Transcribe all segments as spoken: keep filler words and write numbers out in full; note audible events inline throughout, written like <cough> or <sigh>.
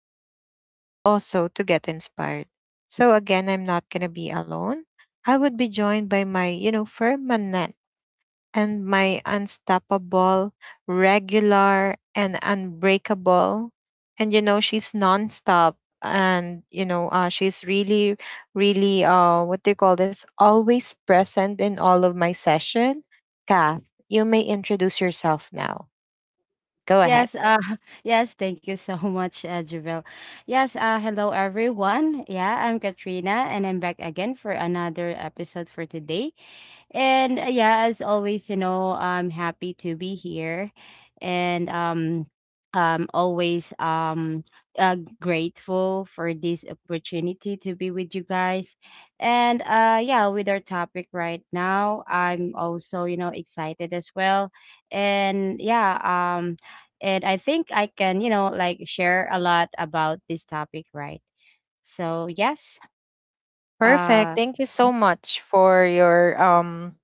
positive, and also to get inspired. So, again, I'm not going to be alone. I would be joined by my, you know, permanent and my unstoppable, regular, and unbreakable. And you know, she's nonstop. And you know, uh, she's really, really, uh, what do you call this? Always present in all of my session. Kath, you may introduce yourself now. Go ahead. Yes, uh, <laughs> yes, thank you so <laughs> much, uh, Javel. Yes, uh, hello everyone. Yeah, I'm Katrina and I'm back again for another episode for today. And uh, yeah, as always, you know, I'm happy to be here and um I'm always um uh, grateful for this opportunity to be with you guys. And uh yeah, with our topic right now, I'm also, you know, excited as well. And yeah, um and I think I can, you know, like share a lot about this topic, right? So, yes. Perfect. Uh Thank you so much for your um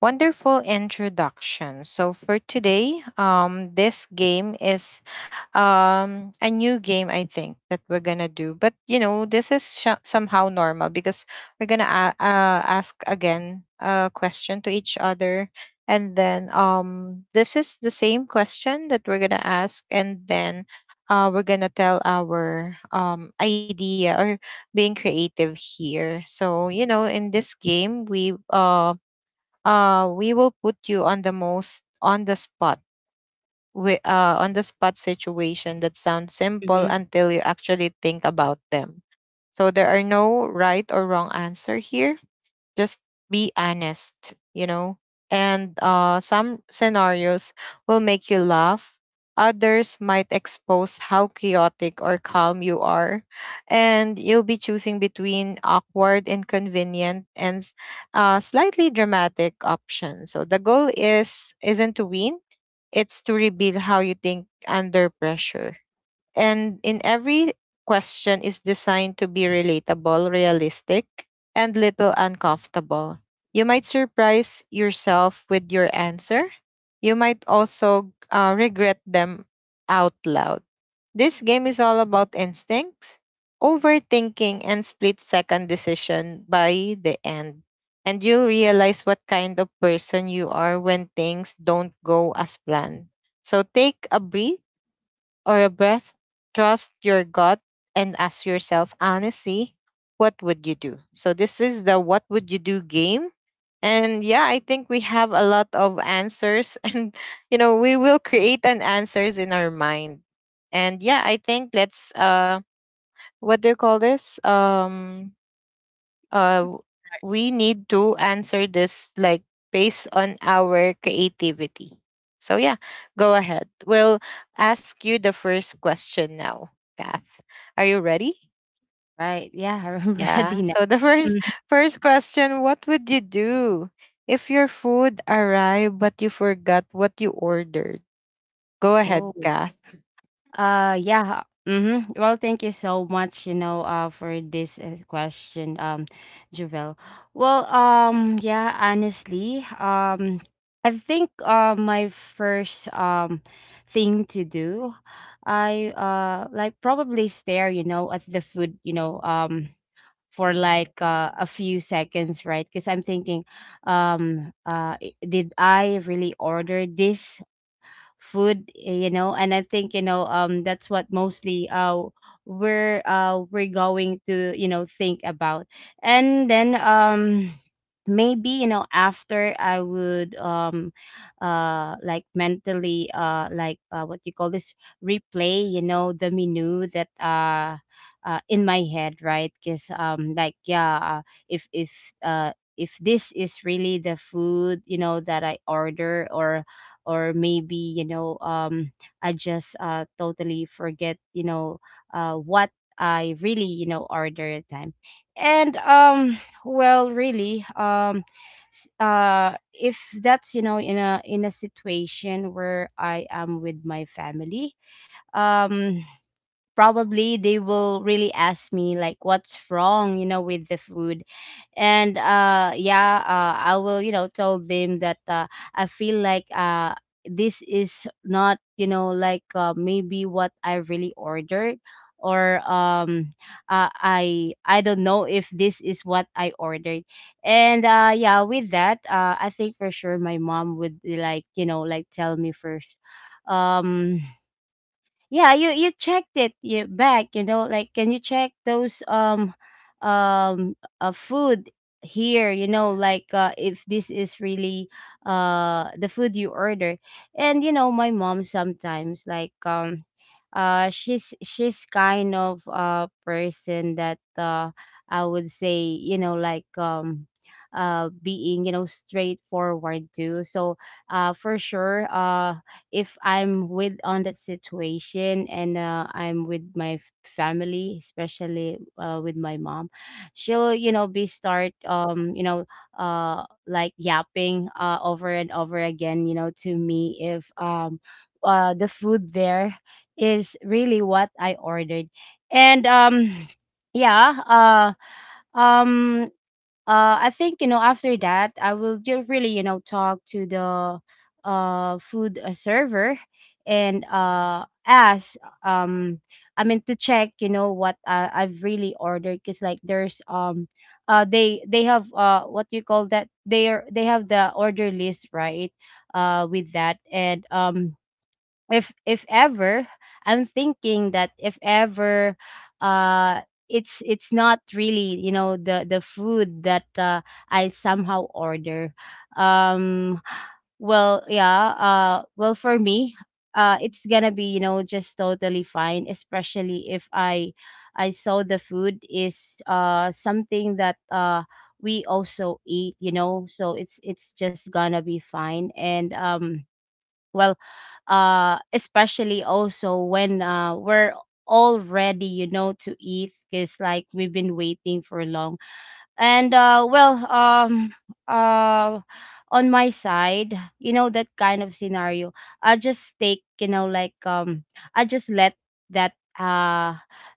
wonderful introduction. So for today, um this game is um a new game I think that we're going to do. But you know, this is sh- somehow normal because we're going to a- uh, ask again a question to each other and then um this is the same question that we're going to ask and then uh, we're gonna tell our um idea or being creative here. So, you know, in this game, we uh uh we will put you on the most on the spot with uh on the spot situation that sounds simple Mhm. until you actually think about them. So there are no right or wrong answer here, just be honest, you know, and uh, some scenarios will make you laugh, others might expose how chaotic or calm you are, and you'll be choosing between awkward, inconvenient, and s- uh, slightly dramatic options. So the goal is isn't to win, it's to reveal how you think under pressure, and in every question is designed to be relatable, realistic, and little uncomfortable. You might surprise yourself with your answer. You might also uh, regret them out loud. This game is all about instincts, overthinking, and split second decision by the end. And you'll realize what kind of person you are when things don't go as planned. So take a breath or a breath, trust your gut and ask yourself honestly, what would you do? So this is the what would you do game. And yeah, I think we have a lot of answers <laughs> and you know, we will create an answers in our mind. And yeah, I think let's uh what do you call this? Um uh we need to answer this like based on our creativity. So yeah, go ahead. We'll ask you the first question now, Kath. Are you ready? Right. Yeah, i remember <laughs> ready Yeah. now. So the first Mhm. <laughs> first question, what would you do if your food arrived but you forgot what you ordered? Go ahead, Oh. Kath. Uh yeah. Mm-hmm. Well, thank you so much, you know, uh for this uh, question, um, Javel. Well, um, yeah, honestly, um I think uh my first um thing to do, I uh like probably stare, you know, at the food, you know, um for like uh, a few seconds, right? Because I'm thinking, um, uh, i- did I really order this? food eh, you know, and i think, you know um that's what mostly uh we're uh we're going to, you know, think about. And then um maybe, you know, after i would, um uh, like mentally, uh like uh, what you call this, replay, you know, the menu that, uh uh in my head, right, because um like yeah, uh, if if uh if this is really the food, you know, that i order, or or maybe, you know um i just uh totally forget, you know, uh what i really, you know, order at time. And um well really, um s- uh if that's, you know, in a in a situation where i am with my family, um probably they will really ask me like what's wrong, you know, with the food. And uh yeah uh, i will, you know, tell them that, uh, i feel like, uh this is not, you know, like, uh, maybe what i really ordered. Or um uh, i i don't know if this is what i ordered. And uh yeah, with that, uh I think for sure my mom would, like, you know, like tell me first, um yeah, you you checked it, you back, you know, like, can you check those, um um uh, food here, you know, like, uh, if this is really uh the food you order. And you know, my mom sometimes, like, um uh she's she's kind of a person that, uh I would say, you know, like, um uh being, you know, straightforward too. So uh for sure, uh if I'm with on that situation and, uh, I'm with my f- family, especially, uh, with my mom, she'll, you know, be start, um you know, uh like yapping, uh over and over again, you know, to me if, um uh the food there is really what I ordered. And um yeah. uh um uh i think, you know, after that, i will just really, you know, talk to the uh food, uh, server and uh ask, um I mean, to check, you know, what I, i've really ordered, because like there's, um uh they they have, uh what do you call that, they are, they have the order list, right, uh with that. And um if if ever i'm thinking that if ever, uh it's it's not really, you know, the the food that, uh, i somehow order. um well yeah, uh well for me, uh it's gonna be, you know, just totally fine, especially if i i saw the food is uh something that uh we also eat, you know, so it's it's just gonna be fine. And um well, uh especially also when, uh we're all ready, you know, to eat, because like we've been waiting for long. And uh, well, um, uh, on my side, you know, that kind of scenario, I just take, you know, like, um, I just let that, uh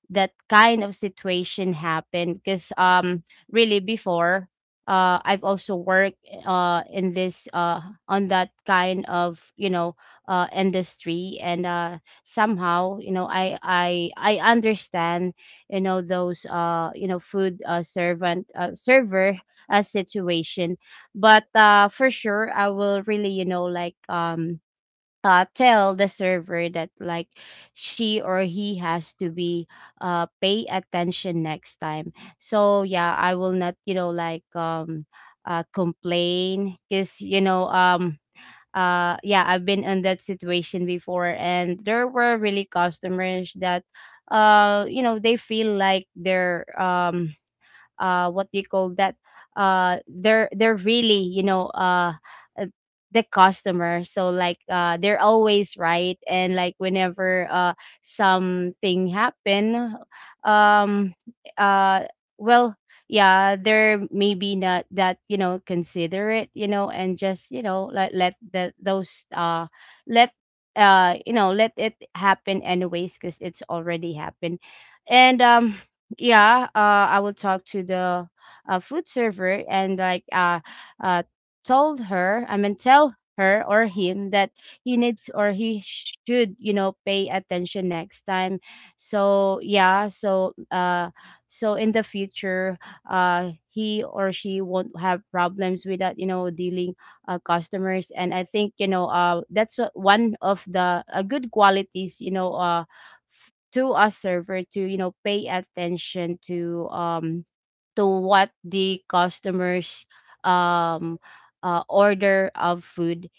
that kind of situation happen, because um really before, uh I've also worked, uh in this, uh on that kind of, you know, uh industry. And uh somehow, you know, I I I understand, you know, those, uh you know, food, uh, servant uh, server, uh, situation. But uh for sure, i will really, you know, like, um uh, tell the server that like she or he has to be, uh pay attention next time. So yeah, i will not, you know, like, um uh complain, because, you know, um uh yeah, i've been in that situation before, and there were really customers that, uh you know, they feel like they're, um uh what do you call that, uh they're they're really, you know, uh uh, the customer, so like, uh they're always right, and like, whenever, uh something happen, um uh well yeah, they're maybe not that, you know, considerate, you know, and just, you know, let, let the those, uh let uh you know, let it happen anyways, because it's already happened. And um yeah, uh i will talk to the uh, food server and like, uh uh told her, I mean, tell her or him that he needs, or he should, you know, pay attention next time. So yeah, so uh so in the future, uh he or she won't have problems with that, you know, dealing, uh, customers. And i think, you know, uh that's, uh, one of the, uh, good qualities, you know, uh to a server, to you know, pay attention to, um to what the customers, um uh, order of food.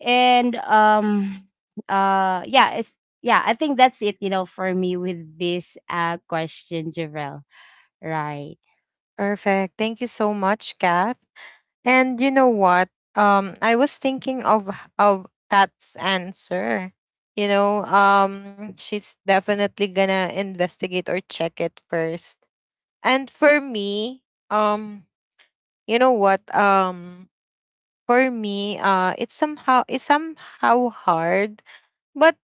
And um uh yeah, it's yeah, i think that's it, you know, for me with this, uh question, Javel, right? Perfect. Thank you so much, Kath. And you know what? Um, I was thinking of of Kat's answer. You know, um, she's definitely gonna investigate or check it first. And for me, um, you know what? Um, for me, uh, it's somehow it's somehow hard. But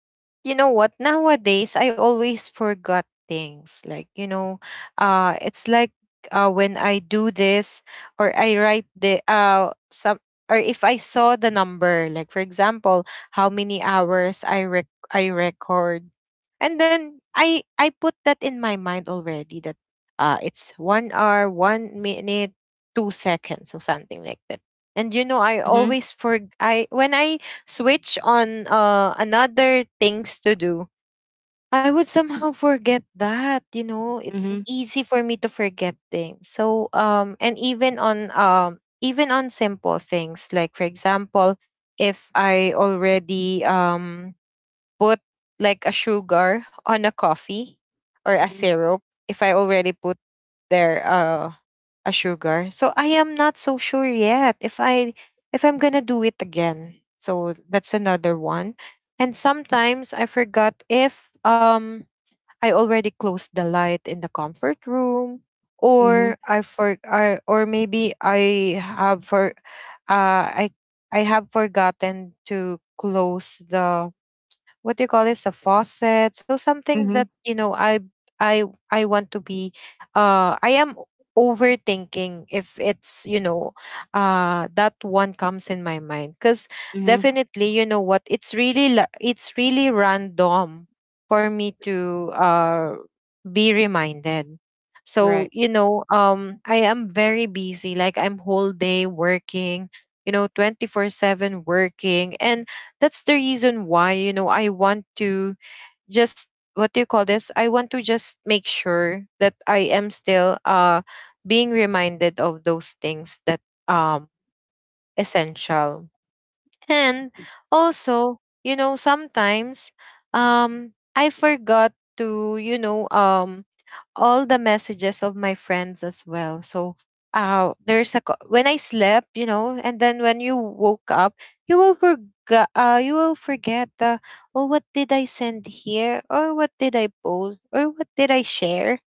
you know what? Nowadays, I always forgot things. Like you know, uh, it's like uh, when I do this or I write the uh some or if I saw the number, like for example, how many hours I rec- I record, and then I I put that in my mind already that uh it's one hour, one minute, two seconds, or something like that and you know, I Mm-hmm. always for I when I switch on uh another things to do, I would somehow forget that, you know. It's Mm-hmm. easy for me to forget things. So um and even on um even on simple things, like for example, if I already um put like a sugar on a coffee or a syrup if I already put there uh, a sugar. So I am not so sure yet if I if I'm gonna do it again. So that's another one. And sometimes I forgot if um I already closed the light in the comfort room Mm-hmm. or I for I, or maybe I have for uh I I have forgotten to close the, what do you call this, a faucet, so something that Mm-hmm. you know i i I want to be uh I am overthinking if it's you know uh that one comes in my mind because Hmm. Hmm. definitely you know what it's really la- it's really random for me to uh be reminded. So Right. you know um I am very busy, like I'm whole day working, you know, twenty-four seven working, and that's the reason why, you know, I want to just, what do you call this, I want to just make sure that I am still uh being reminded of those things that um essential. And also, you know, sometimes um I forgot to, you know, um all the messages of my friends as well. So uh, there's a co- when I slept, you know, and then when you woke up, you will forget. Uh, you will forget the oh, what did I send here, or what did I post, or what did I share,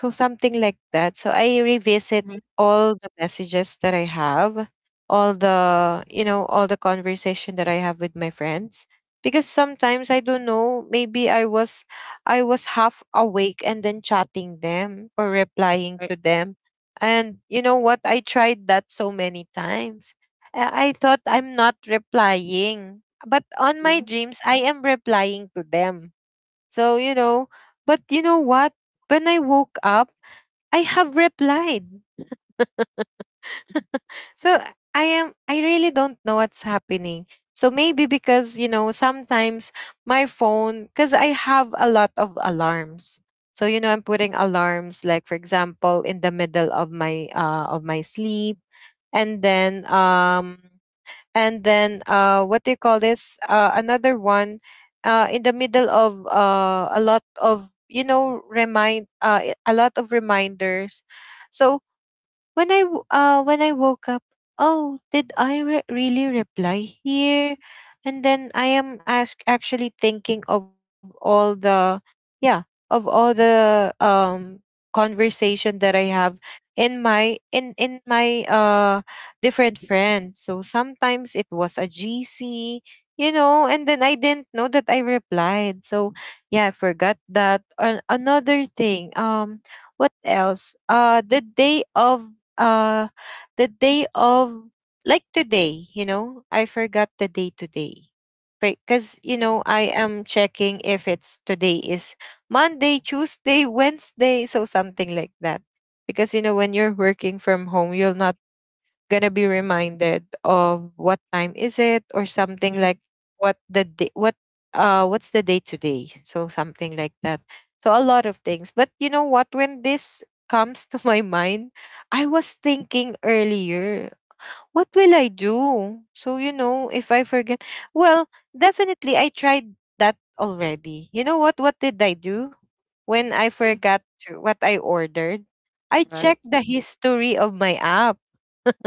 so something like that. So I revisit Hmm. all the messages that I have, all the, you know, all the conversation that I have with my friends, because sometimes I don't know, maybe I was I was half awake and then chatting them or replying Right. to them. And you know what? I tried that so many times. I I thought I'm not replying, but on my Mm-hmm. dreams I am replying to them. So, you know, but you know what? When I woke up I have replied. <laughs> So I am I really don't know what's happening. So maybe because you know sometimes my phone cuz I have a lot of alarms. So you know I'm putting alarms like for example in the middle of my uh of my sleep and then um and then uh what do you call this, uh another one uh in the middle of uh a lot of you know remind uh a lot of reminders. So when I w- uh when I woke up, oh, did I re- really reply here? And then I am ask- actually thinking of all the yeah of all the um conversation that I have in my in in my uh different friends. So sometimes it was a G C, you know, and then I didn't know that I replied. So yeah, I forgot that. And another thing, um, what else? Uh, the day of uh the day of like today, you know, I forgot the day today, because you know I am checking if it's today is Monday, Tuesday, <laughs> Wednesday, so something like that, because you know when you're working from home you'll not gonna be reminded of what time is it or something Mm-hmm. like what the day, what uh what's the day today, so something like that. So a lot of things, but you know what, when this comes to <laughs> my mind I was thinking earlier, what will I do, so you know if I forget, well, definitely I tried that already. You know what what did I do when I forgot to, what I ordered, I Right. checked the history of my app <laughs>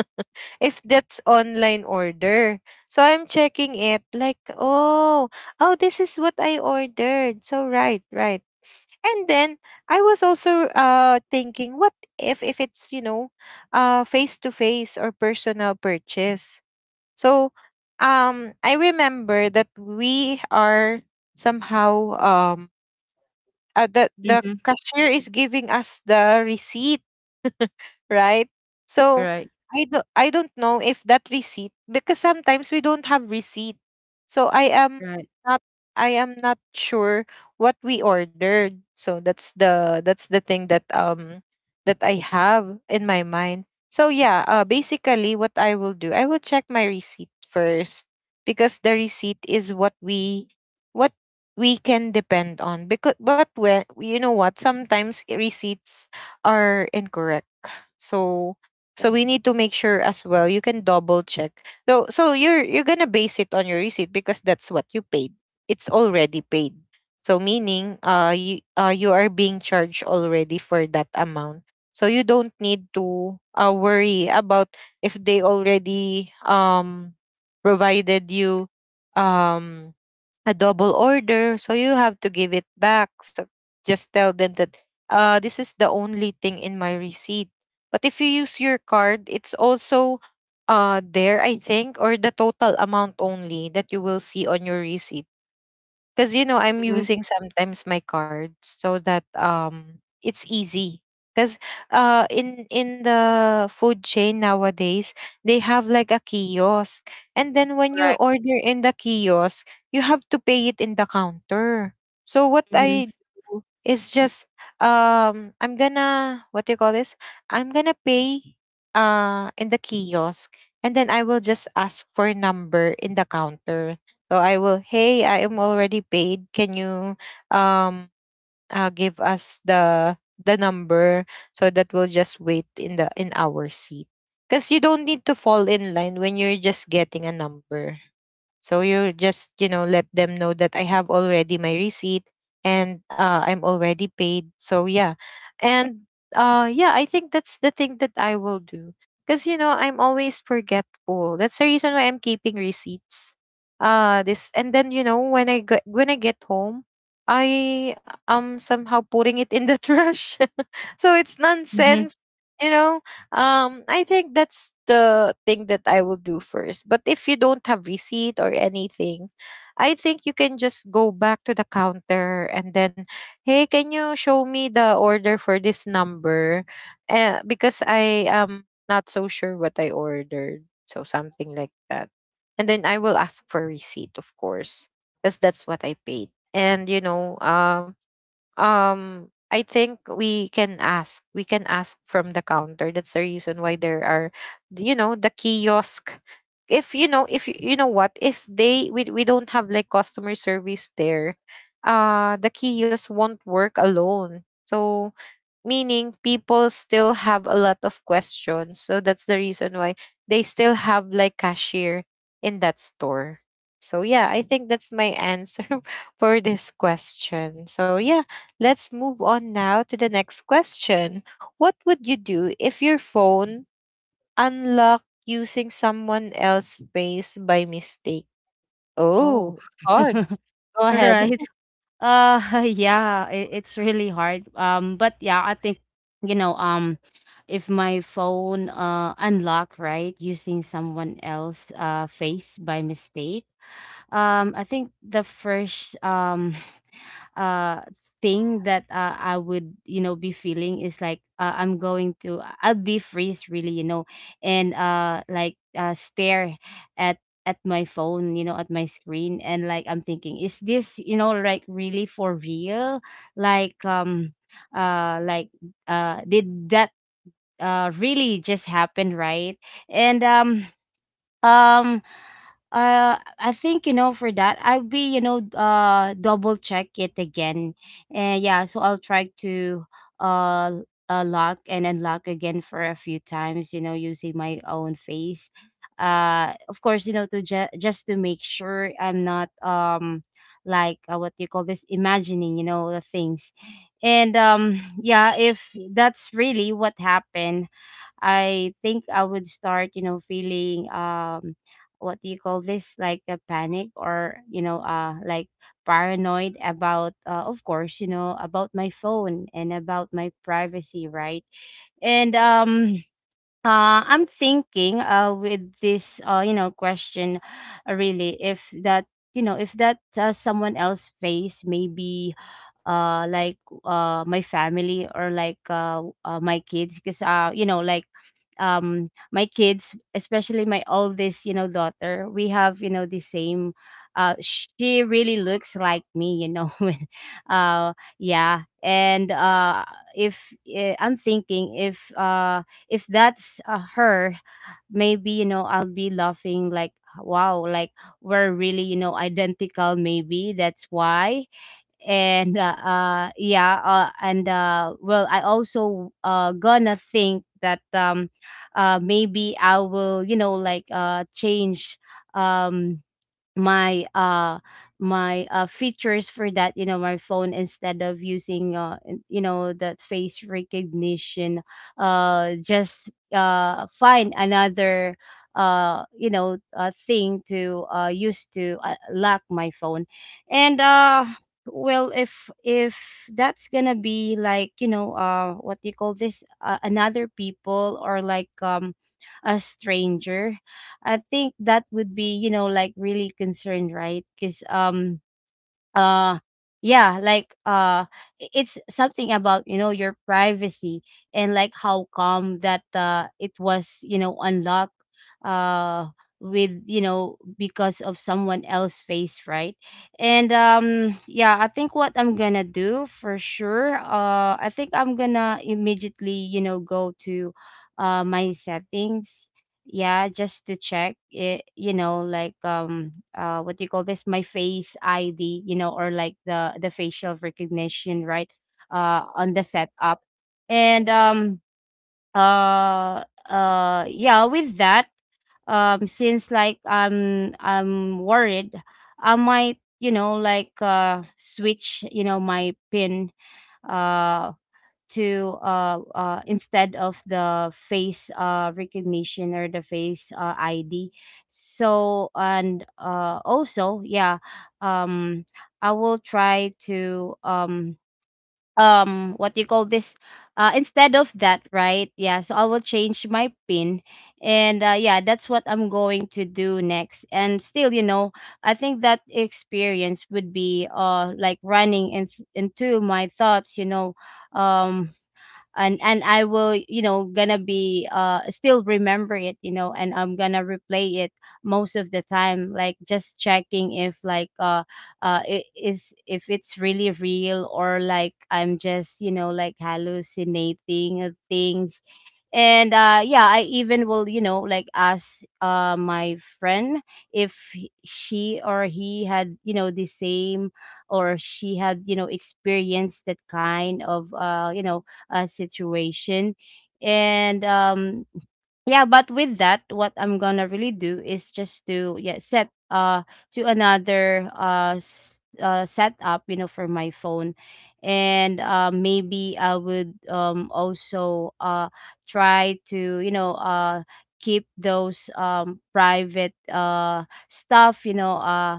if that's online order. So I'm checking it like, oh, oh, this is what I ordered. So right, right. And then I was also uh thinking, what if if it's, you know, uh face to face or personal purchase? So um I remember that we are somehow um uh, the the Hmm. cashier is giving us the receipt, right? So Right. I do I don't know if that receipt, because sometimes we don't have receipt. So I Mhm. Am right, right. not I am not sure what we ordered. So that's the that's the thing that um that I have in my mind. So yeah, uh, basically what I will do, I will check my receipt first, because the receipt is what we what we can depend on, because but where you know what sometimes receipts are incorrect, so so we need to make sure as well, you can double check. So so you're you're gonna base it on your receipt, because that's what you paid. It's already paid. So meaning uh you uh you are being charged already for that amount. So you don't need to uh, worry about if they already um provided you um a double order, so you have to give it back. So just tell them that uh, this is the only thing in my receipt. But if you use your card, it's also uh, there, I think, or the total amount only that you will see on your receipt. Because you know I'm Hmm. using sometimes my card so that um it's easy. Because uh in in the food chain nowadays, they have like a kiosk, and then when you Right. order in the kiosk, you have to pay it in the counter. So what Hmm. I do is just, um I'm gonna, what do you call this, I'm gonna pay uh in the kiosk, and then I will just ask for a number in the counter. So I will, hey, I am already paid. Can you, um uh, give us the the number so that we'll just wait in the in our seat? Because you don't need to fall in line when you're just getting a number. So you just, you know, let them know that I have already my receipt, and uh, I'm already paid. So yeah. And uh, yeah, I think that's the thing that I will do. Because, you know, I'm always forgetful. That's the reason why I'm keeping receipts. Uh, this, and then you know when I get when I get home, I am somehow putting it in the <laughs> trash. <laughs> So it's nonsense, you know um I think that's the thing that I will do first. But if you don't have receipt or anything, I think you can just go back to the counter, and then, hey, can you show me the order for this number? Uh, because I am not so sure what I ordered, so something like that. And then I will ask for receipt, of course, because that's what I paid. And you know, uh um I think we can ask. We can ask from the counter. That's the reason why there are, you know, the kiosk. If you know, if you you know what, if they we we don't have like customer service there, uh, the kiosk won't work alone. So meaning people still have a lot of questions. So that's the reason why they still have like cashier in that store. So yeah, I think that's my answer <laughs> for this question. So yeah, let's move on now to the next question. What would you do if your phone unlocked using someone else's face by mistake? Oh. Oh, it's <laughs> hard. Go ahead. Right. Uh, <laughs> yeah, it, it's really hard. Um, but yeah, I think, you know, um, if my phone uh unlock, right, using someone else uh face by mistake, um, I think the first um uh thing that, uh, I would, you know, be feeling is like, uh, I'm going to, uh, I'll be freeze really, you know. And uh like uh stare at at my phone, you know, at my screen, and like I'm thinking, is this, you know, like really for real, like, um uh like uh did that, uh really just happen, right? And um um uh i think, you know, for that, i'll be, you know, uh double check it again. And yeah, so i'll try to, uh uh, lock and unlock again for a few times, you know, using my own face, uh of course, you know, to ju- just to make sure i'm not, um like uh, what do you call this, imagining, you know, the things. And um yeah, if that's really what happened, I think I would start, you know, feeling, um what do you call this, like a panic, or you know, uh like paranoid about, uh, of course, you know, about my phone and about my privacy, right? And um uh, I'm thinking, uh, with this, uh, you know, question, uh, really, if that, you know, if that, uh, someone else face maybe, uh, like uh, my family, or like, uh, uh, my kids, because, uh, you know, like, um my kids, especially my oldest, you know, daughter, we have, you know, the same, uh she really looks like me, you know, <laughs> when, uh yeah. And uh if eh, i'm thinking if, uh if that's, uh, her, maybe, you know, i'll be laughing like, wow, like we're really, you know, identical, maybe that's why. And uh, uh yeah uh, and uh well i also, uh gonna think that, um uh maybe I will, you know, like, uh change, um my, uh my, uh features for that, you know, my phone, instead of using, uh in- you know, that face recognition, uh just, uh find another, uh you know, uh thing to, uh use to, uh, lock my phone. And uh well, if if that's gonna be like, you know, uh what do you call this, uh, another people, or like, um a stranger, I think that would be, you know, like really concerned, right? Because um uh yeah, like uh i- it's something about, you know, your privacy. And like how come that uh it was, you know, unlocked uh with you know because of someone else's face, right. And um yeah, I think what I'm gonna do for sure, uh I think I'm gonna immediately you know go to uh my settings. Yeah, just to check it, you know like um uh what do you call this, my face ID, you know or like the the facial recognition, right, uh on the setup. And um uh uh yeah, with that, um since like i'm i'm worried, I might you know like uh switch you know my PIN, uh to uh, uh instead of the face uh recognition or the face uh, ID. So and uh also, yeah, um I will try to um um what do you call this, uh instead of that, right. Yeah, so I will change my PIN. And uh, yeah, that's what I'm going to do next. And still, you know I think that experience would be uh like running in, into my thoughts, you know um and and I will you know gonna be uh still remember it, you know and I'm gonna replay it most of the time, like just checking if like uh uh it is if it's really real, or like I'm just you know like hallucinating of things. And uh yeah, I even will you know like ask uh my friend if he- she or he had you know the same, or she had you know experienced that kind of uh you know uh, situation. And um yeah, but with that, what I'm gonna really do is just to, yeah, set uh to another uh, s- uh setup, you know for my phone. And uh maybe I would um also uh try to, you know uh keep those um private uh stuff, you know uh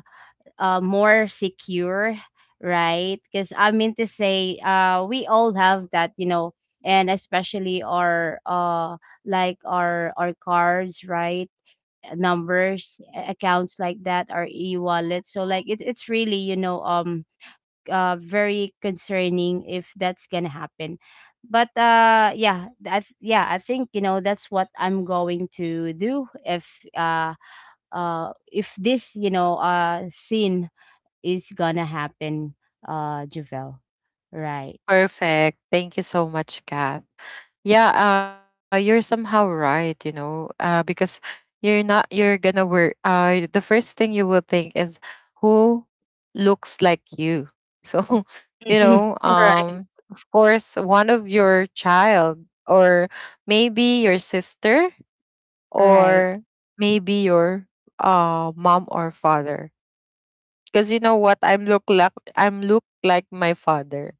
uh, more secure, right? Because I mean to say, uh, we all have that, you know, and especially our uh, like our our cards, right? Numbers, a- accounts like that, our e-wallet. So like it's it's really, you know um uh very concerning if that's gonna happen. But uh yeah, that yeah, I think, you know that's what I'm going to do if uh uh if this, you know uh scene is gonna happen, uh, Javel. Right. <laughs> Perfect. Thank you so much, Kath. Yeah, uh, you're somehow right, you know, uh, because you're not, you're gonna work. Uh, the first thing you will think is who looks like you. So, <laughs> you Mhm. know, <laughs> Right. um, of course, one of your child, or maybe your sister, Right. or maybe your uh mom or father. Because you know what, I'm look like I'm look like my father,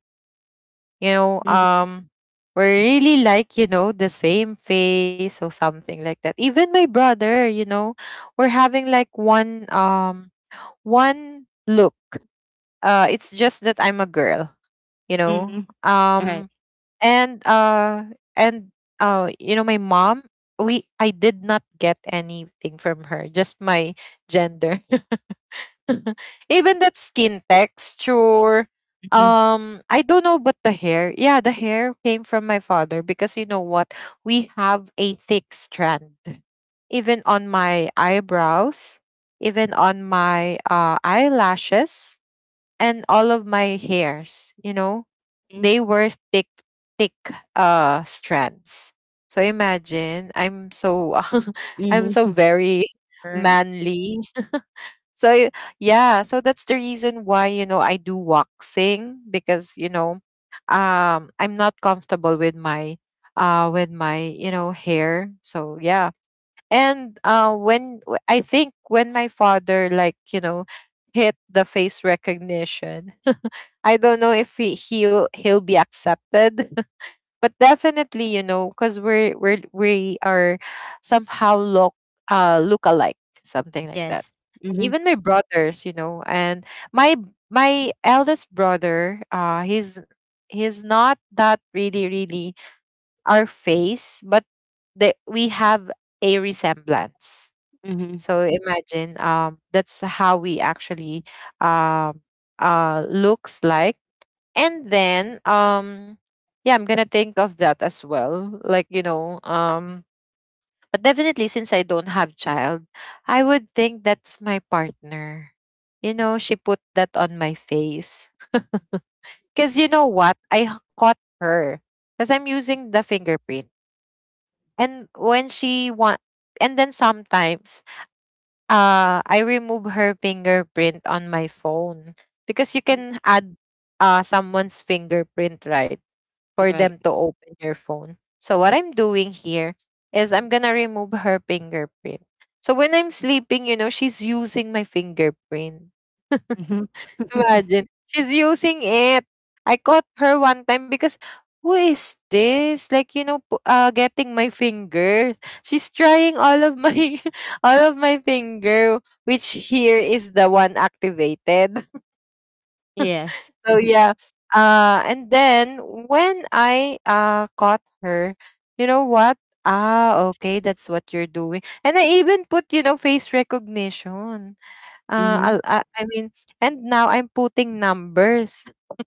you know, Mhm. um, we're really like, you know, the same face or something like that. Even my brother, you know, we're having like one um one look. Uh it's just that I'm a girl, you know. Mhm. Right. Um and uh and uh you know, my mom, we I did not get anything from her, just my gender. <laughs> <laughs> Even that skin texture. Mhm. Um, I don't know, but the hair. Yeah, the hair came from my father because you know what? We have a thick strand. Even on my eyebrows, even on my uh, eyelashes, and all of my hairs, you know, Mhm. they were thick, thick uh strands. So imagine, I'm so <laughs> I'm Mhm. so very Right. manly. So yeah, so that's the reason why, you know, I do waxing because, you know, um I'm not comfortable with my uh with my you know hair. So yeah. And uh when w- I think when my father, like, you know, hit the face recognition <laughs> I don't know if he he'll he'll be accepted, but definitely, you know, because we're we're we are somehow look uh look alike, something like that. Yes. And Mhm. even my brothers, you know, and my my eldest brother, uh he's he's not that really really our face, but that we have a resemblance. Mhm. So imagine, um that's how we actually um uh looks like. And then, um yeah, I'm gonna think of that as well. Like, you know, um but definitely, since I don't have child, I would think that's my partner. You know, she put that on my face. 'Cause you know what? I h- caught her. Because I'm using the fingerprint. And when she want, and then sometimes, uh I remove her fingerprint on my phone. Because you Mhm. can add uh someone's fingerprint, right, for Right. them to open your phone. So what I'm doing here is I'm gonna remove her fingerprint. So when I'm sleeping, you know, she's using my fingerprint. Mhm. <laughs> Imagine, she's using it. I caught her one time because, who is this? Like, you know, pu- uh, getting my finger. She's trying all of my <laughs> all of my finger, which here is the one activated. Yes. So yeah. Uh, and then when I uh caught her, you know what? Ah, okay, that's what you're doing. And I even put, you know, face recognition. Uh, Mhm. I'll- I, I mean, and now I'm putting numbers <laughs>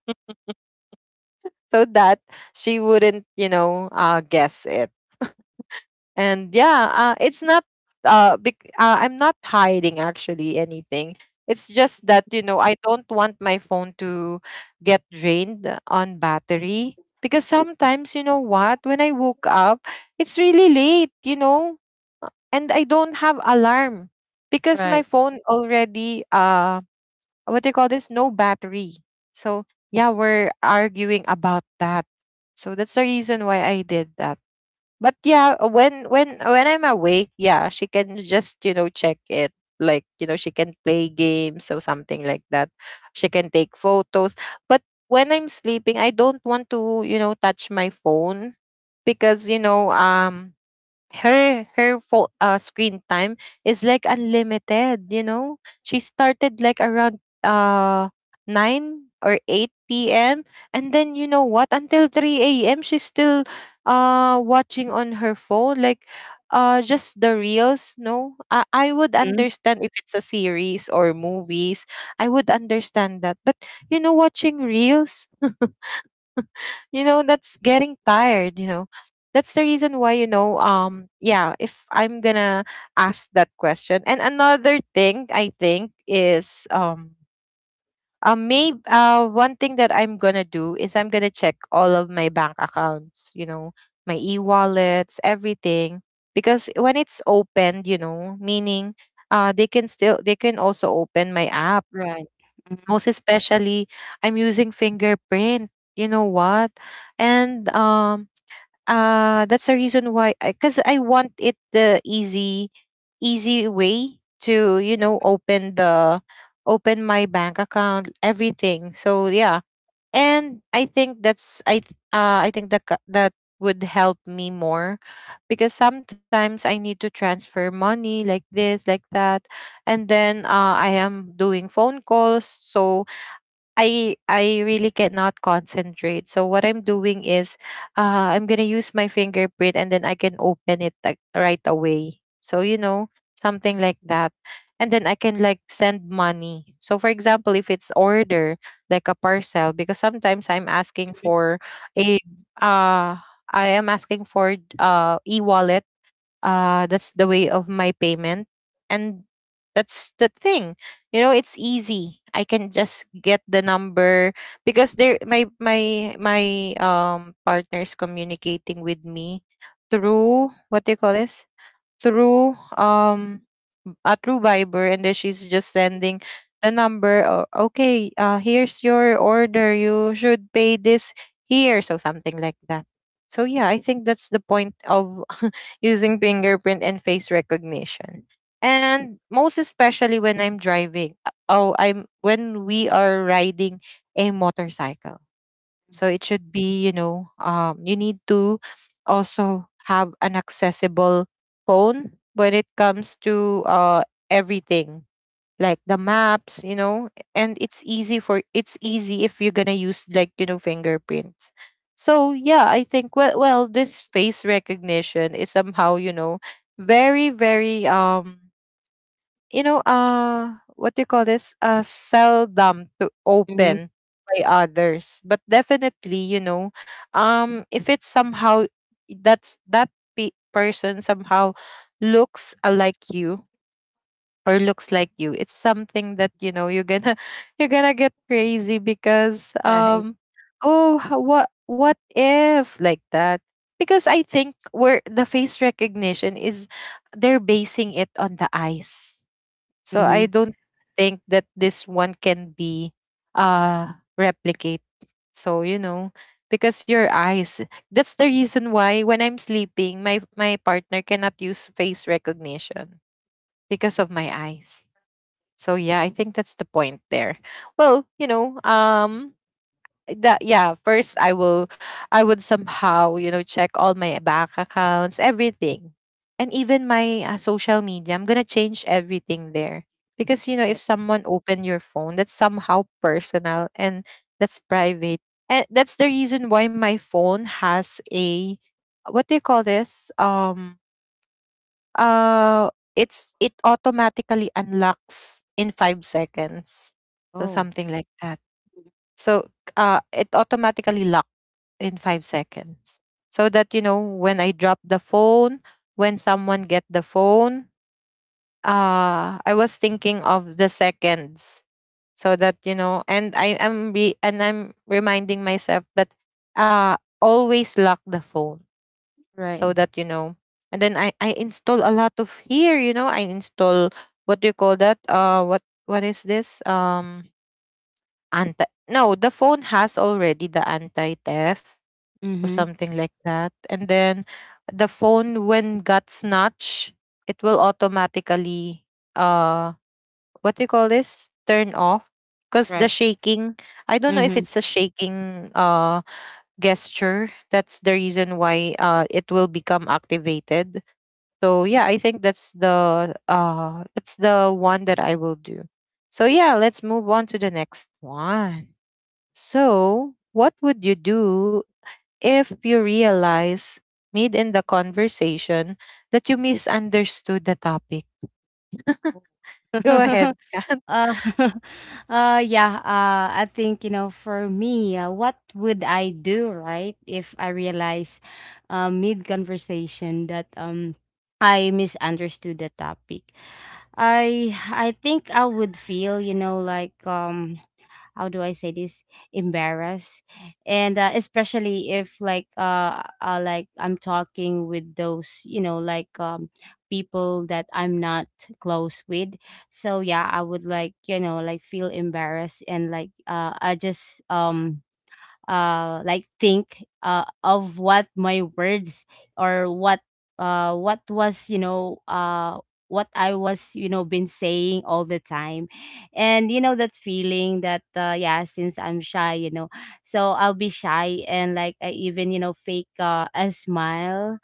so that she wouldn't, you know, uh, guess it. And yeah, uh, it's not, uh, bec- uh I'm not hiding actually anything. It's just that, you know, I don't want my phone to get drained on battery because sometimes, you know what, when I woke up, it's really late, you know, and I don't have alarm, because my Right. phone already, uh what do you call this, no battery. So yeah, we're arguing about that, so that's the reason why I did that. But yeah, uh, when when when I'm awake, yeah, she can just, you know, check it, like, you know, she can play games or something like that, she can take photos. But when I'm sleeping, I don't want to, you know, touch my phone, because, you know, um her her fo- uh, screen time is like unlimited, you know. She started like around uh nine or eight p m, and then, you know what, until three a m, she's still uh watching on her phone, like, uh just the reels. No, I, I would Mhm. understand if it's a series or movies. I would understand that, but, you know, watching reels <laughs> <laughs> you know, that's getting tired, you know. That's the reason why, you know, um yeah, if I'm gonna ask that question. And another thing I think is, um uh, maybe, uh, one thing that I'm gonna do is I'm gonna check all of my bank accounts, you know, my e-wallets, everything, because when it's opened, you know, meaning uh they can still they can also open my app, Right. Mhm. most especially, I'm using fingerprint, you know what. And um uh that's the reason why, because I, 'cause I want it the easy, easy way to, you know, open the open my bank account, everything. So yeah. And I think that's, i th- uh I think that, ca- that would help me more, because sometimes I need to transfer money, like this, like that. And then, uh, I am doing phone calls, so I I really cannot concentrate. So what I'm doing is, uh I'm gonna use my fingerprint, and then I can open it like right away. So, you know, something like that. And then I can like send money. So for example, if it's order like a parcel, because sometimes I'm asking for a uh I am asking for uh e wallet, uh, that's the way of my payment. And that's the thing, you know, it's easy, I can just get the number because there, my my my um partner is communicating with me through, what do you call this, through, um uh, through Viber, and then she's just sending the number. Oh, okay, uh, here's your order. You should pay this here, so something like that. So yeah, I think that's the point of <laughs> using fingerprint and face recognition. And most especially when I'm driving. uh, Oh, I'm when we are riding a motorcycle, so it should be, you know, um, you need to also have an accessible phone when it comes to, uh, everything, like the maps, you know, and it's easy for it's easy if you're gonna use like, you know, fingerprints. So yeah, I think, well, well, this face recognition is somehow, you know, very, very, um you know, uh, what do you call this? Uh, seldom to Mhm. open by others. But definitely, you know, um, if it's somehow, that's that pe- person somehow looks alike you or looks like you, it's something that, you know, you're gonna <laughs> you're gonna get crazy because, Right. um, oh, ho- what what if like that? Because I think, where the face recognition is, they're basing it on the eyes, so I Mhm. don't think that this one can be uh replicate. So, you know, because your eyes, that's the reason why when I'm sleeping, my my partner cannot use face recognition because of my eyes. So yeah, I think that's the point there. Well, you know, um that yeah first I will i would somehow you know check all my bank accounts, everything, and even my uh, social media. I'm gonna change everything there, because you know, if Right. someone open your phone, that's somehow personal and that's private. And that's the reason why my phone has a, what do you call this? um uh it's, it automatically unlocks in five seconds, so Oh. something like that. So uh, it automatically locked in five seconds. So that you know, when I drop the phone, when someone get the phone, uh, I was thinking of the seconds. So that you know, and I am re- and I'm reminding myself that uh, always lock the phone, so Right. that you know. And then I I install a lot of here. You know, I install, what do you call that? Uh, what what is this? Um, Anti, no, the phone has already the anti-theft, so Mhm. something like that. And then the phone, when got snatched, it will automatically uh what do you call this? Turn off. Because the Right. shaking, I don't know if Mhm. it's a shaking uh gesture. That's the reason why uh it will become activated. So yeah, I think that's the uh that's the one that I will do. So yeah, let's move on to the next one. So, what would you do if you realize mid in the conversation that you misunderstood the topic? Go <laughs> ahead. Uh, <laughs> uh, yeah, uh, I think, you know, for me, uh, what would I do, right, if I realize uh, mid conversation that um I misunderstood the topic? I I think I would feel, you know, like um how do I say this, embarrassed. And uh, especially if like uh, uh like I'm talking with those you know like um people that I'm not close with. So yeah, I would like you know like feel embarrassed. And like uh I just um uh like think uh of what my words, or what uh what was, you know uh what I was, you know been saying all the time. And you know that feeling that uh yeah, since I'm shy, you know so I'll be shy. And like I even you know fake uh, a smile.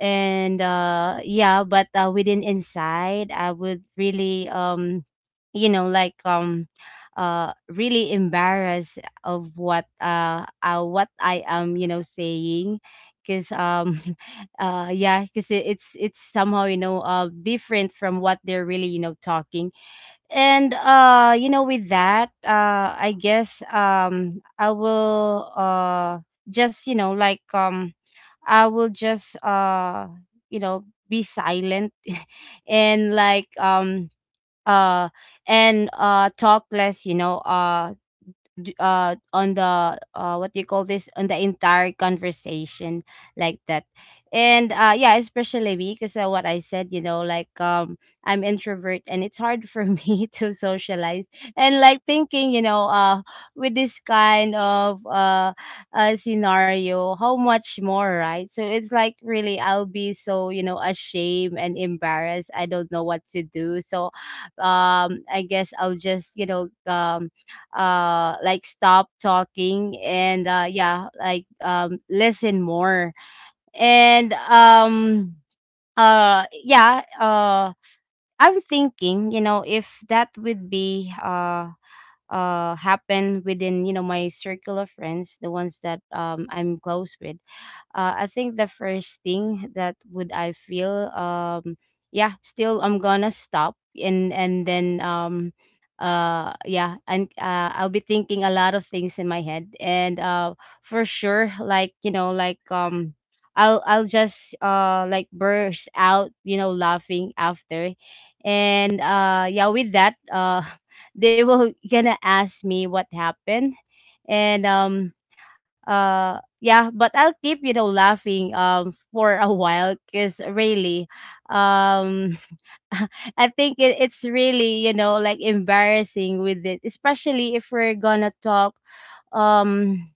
And uh yeah, but uh within inside, I would really, um you know like um uh really embarrassed of what uh, uh what I am, you know saying. Because um <laughs> uh yeah, because it, it's it's somehow, you know uh different from what they're really, you know talking. And uh you know with that uh I guess um I will uh just, you know like um I will just uh you know be silent. <laughs> And like um uh and uh talk less, you know uh d- uh on the uh what do you call this, on the entire conversation, like that. And uh yeah, especially me, because uh, what I said, you know like um I'm introvert, and it's hard for <laughs> me to socialize. And like thinking, you know uh with this kind of uh, uh scenario, how much more, right? So it's like really I'll be so, you know ashamed and embarrassed, I don't know what to do. So um I guess I'll just, you know um uh like stop talking. And uh yeah, like um listen more. And um uh yeah, uh I'm thinking, you know if that would be uh uh happen within, you know my circle of friends, the ones that um I'm close with. uh, I think the first thing that would I feel, um yeah, still I'm gonna stop, and and then um uh yeah. And uh, I'll be thinking a lot of things in my head. And uh for sure, like you know like um I'll I'll just uh like burst out, you know laughing after. And uh yeah, with that uh <laughs> they will gonna ask me what happened. And um uh yeah, but I'll keep, you know laughing um for a while. Because really, um <laughs> I think it, it's really, you know like embarrassing with it, especially if we're gonna talk um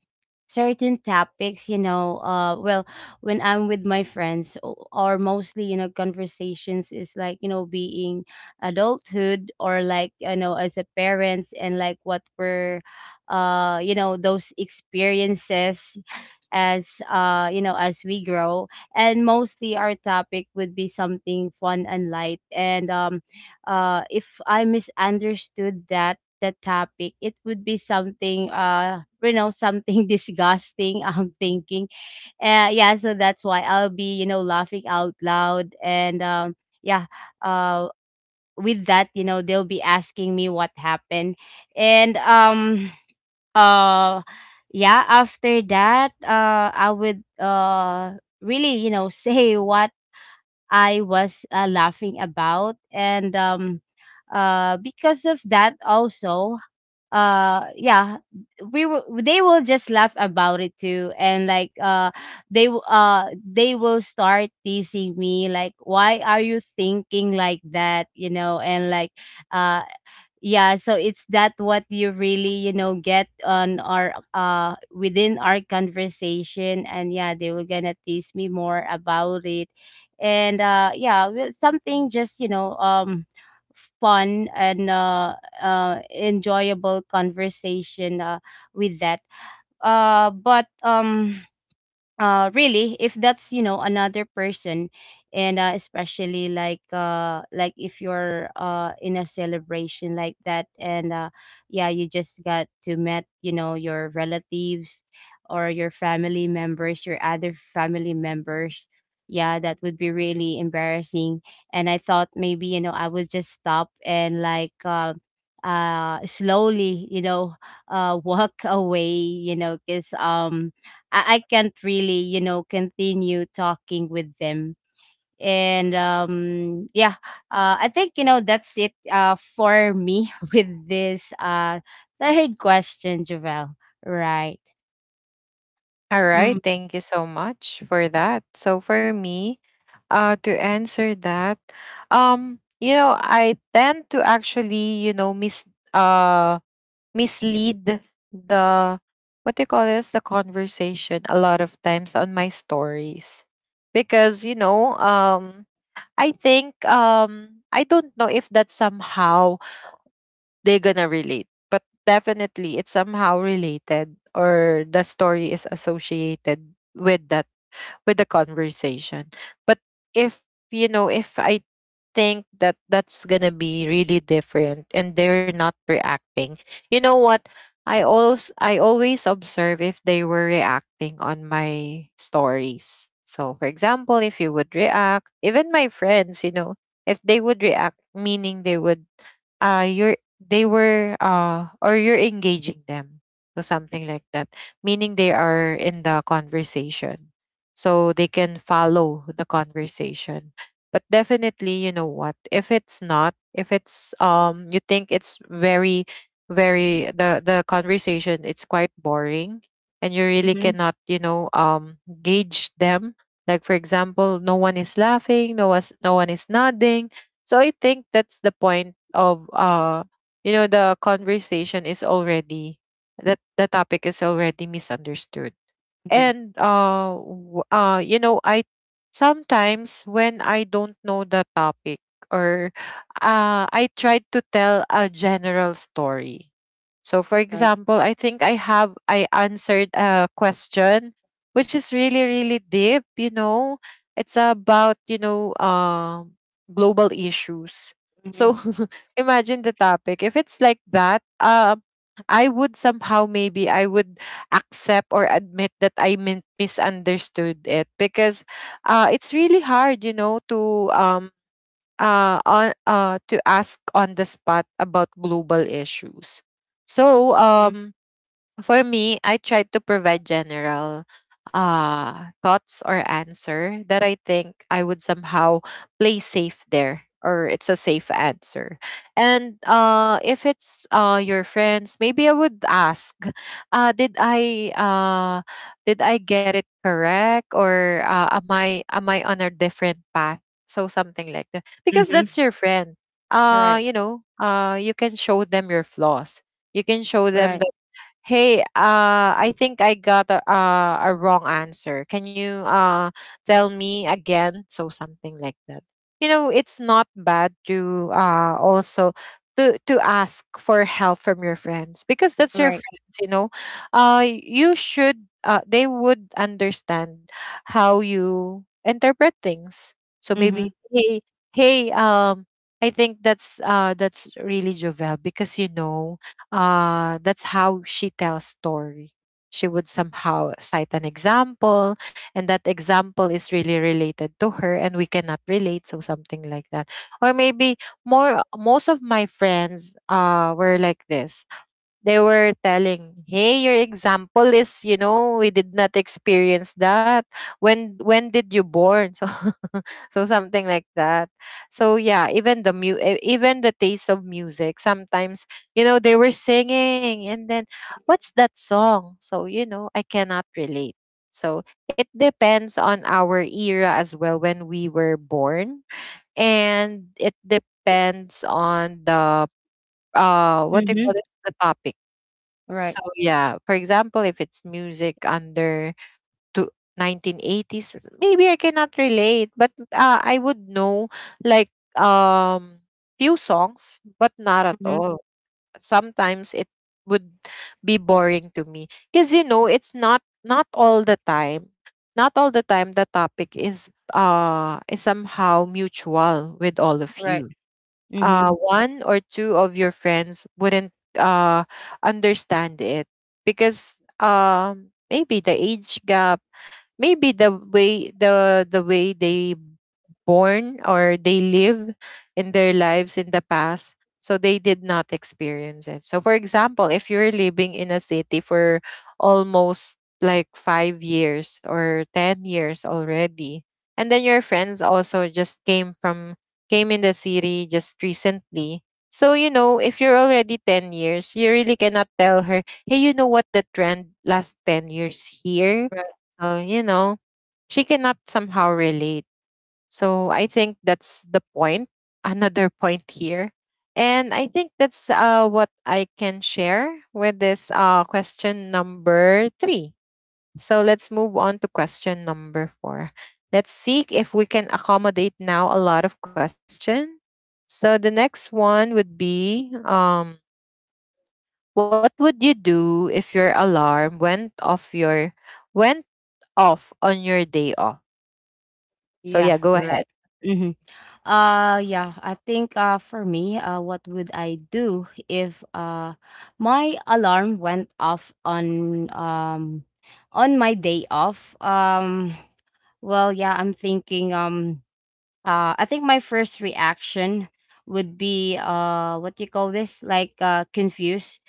certain topics, you know uh well, when I'm with my friends, o- or mostly, you know conversations is like, you know being adulthood, or like, you know as a parents. And like what we're, uh you know those experiences as, uh you know as we grow. And mostly, our topic would be something fun and light. And um uh if I misunderstood that the topic, it would be something, uh you know something <laughs> disgusting, I'm thinking. Uh yeah, so that's why I'll be, you know laughing out loud. And um yeah, uh with that, you know they'll be asking me what happened. And um uh yeah, after that, uh I would uh really, you know <laughs> say what I was, uh, laughing about. And um uh because of that also, uh yeah, we will, they will just laugh about it too. And like uh they w- uh they will start teasing me like, why are you thinking like that, you know and like uh yeah. So it's that what you really, you know get on our uh within our conversation. And yeah, they were gonna tease me more about it. And uh yeah, well, something just, you know um fun and, uh, uh enjoyable conversation uh with that. Uh but um uh really, if that's, you know another person, and uh, especially like uh like if you're uh in a celebration like that. And uh yeah, you just got to met, you know your relatives, or your family members, your other family members. Yeah, that would be really embarrassing. And I thought maybe, you know I would just stop, and like uh, uh slowly, you know uh <laughs> walk away, you know because um I, I can't really, you know, continue talking with them. And um, yeah, uh, I think, you know that's it, uh, for me <laughs> with this uh, third question, Javel. Right. All right. Mm-hmm. Thank you so much for that. So, for me, uh, to answer that, um, you know, I tend to actually, you know, mis uh mislead the, what do you call this, the conversation a lot of times on my stories. Because you know, um I think, um I don't know if that's somehow they're gonna relate, but definitely it's somehow related, or the story is associated with that, with the conversation. But if you know, if i think that that's gonna be really different and they're not reacting, you know what, i always I always observe if they were reacting on my stories. So for example, if you would react, even my friends, you know, if they would react, meaning they would uh you're they were uh or you're engaging them, so something like that, meaning they are in the conversation, so they can follow the conversation. But definitely, you know what, if it's not, if it's, um, you think it's very very the the conversation, it's quite boring and you really cannot, you know, um gauge them. Like for example, no one is laughing, no was no one is nodding. So I think that's the point of, uh you know, the conversation is already, that the topic is already misunderstood. Mm-hmm. And uh, w- uh, you know, I sometimes, when I don't know the topic, or uh, I tried to tell a general story. So, for Right. example, I think I have I answered a question which is really really deep. You know, it's about, you know, uh, global issues. Mm-hmm. So <laughs> imagine the topic. If it's like that, uh, I would somehow, maybe I would accept or admit that I min- misunderstood it. Because uh, it's really hard, you know, to um uh, on, uh to ask on the spot about global issues. So um for me, I try to provide general uh, thoughts or answer that I think I would somehow play safe there, or it's a safe answer. And uh, if it's uh, your friends, maybe I would ask, uh, did I uh, did I get it correct, or uh, am I am I on a different path? So something like that, because Mm-hmm. that's your friend. Uh, Right. you know, uh, you can show them your flaws, you can show them, Right. hey, uh, I think I got a, uh, a wrong answer. Can you uh, tell me again? So something like that. You know, it's not bad to uh, also to to ask for help from your friends, because that's your Right. friends. You know, uh, you should uh, they would understand how you interpret things. So Mm-hmm. maybe, hey, hey, um, I think that's uh that's really Jovel, because you know, uh, that's how she tells story. She would somehow cite an example, and that example is really related to her, and we cannot relate, so something like that. Or maybe more. Most of my friends uh, were like this, they were telling, hey, your example is, you know, we did not experience that. when when did you born, so <laughs> so something like that. So yeah, even the mu- e- even the taste of music sometimes, you know, they were singing, and then what's that song, so, you know, I cannot relate. So it depends on our era as well, when we were born, and it depends on the, uh what do you Mm-hmm. call it, the topic. Right. So yeah, for example, if it's music under to nineteen eighties, maybe I cannot relate, but uh, I would know like um few songs, but not at Mm-hmm. all. Sometimes it would be boring to me, because you know, it's not not all the time. Not all the time the topic is uh is somehow mutual with all of Right. you. uh, Mm-hmm. One or two of your friends wouldn't uh, understand it, because um, maybe the age gap, maybe the way the the way they born, or they live in their lives in the past, so they did not experience it. So for example, if you're living in a city for almost like five years or ten years already, and then your friends also just came from came in the city just recently. So you know, if you're already ten years, you really cannot tell her, hey, you know what, the trend last ten years here, Right. oh, you know, she cannot somehow relate. So I think that's the point, <laughs> another point here. And I think that's uh, what I can share with this uh, question number three. So let's move on to question number four. Let's see if we can accommodate now a lot of question. So the next one would be, um, what would you do if your alarm went off, your went off on your day off? So Yeah. yeah, go Right. ahead. Mm-hmm. Uh yeah, I think, uh for me, uh what would I do if uh my alarm went off on, um on my day off? Um well, yeah, I'm thinking, um uh I think my first reaction would be, uh what do you call this? Like uh confused.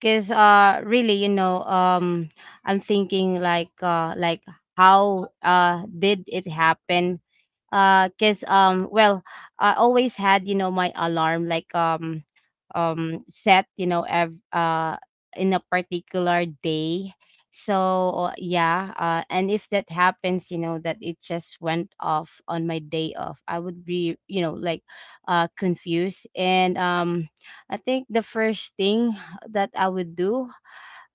Because uh really, you know um I'm thinking like uh like how uh did it happen. Uh because um well, I always had, you know my alarm like um um set, you know ev- uh in a particular day. So uh, yeah, uh and if that happens, you know that it just went off on my day off, I would be, you know like uh confused. And um I think the first thing that I would do.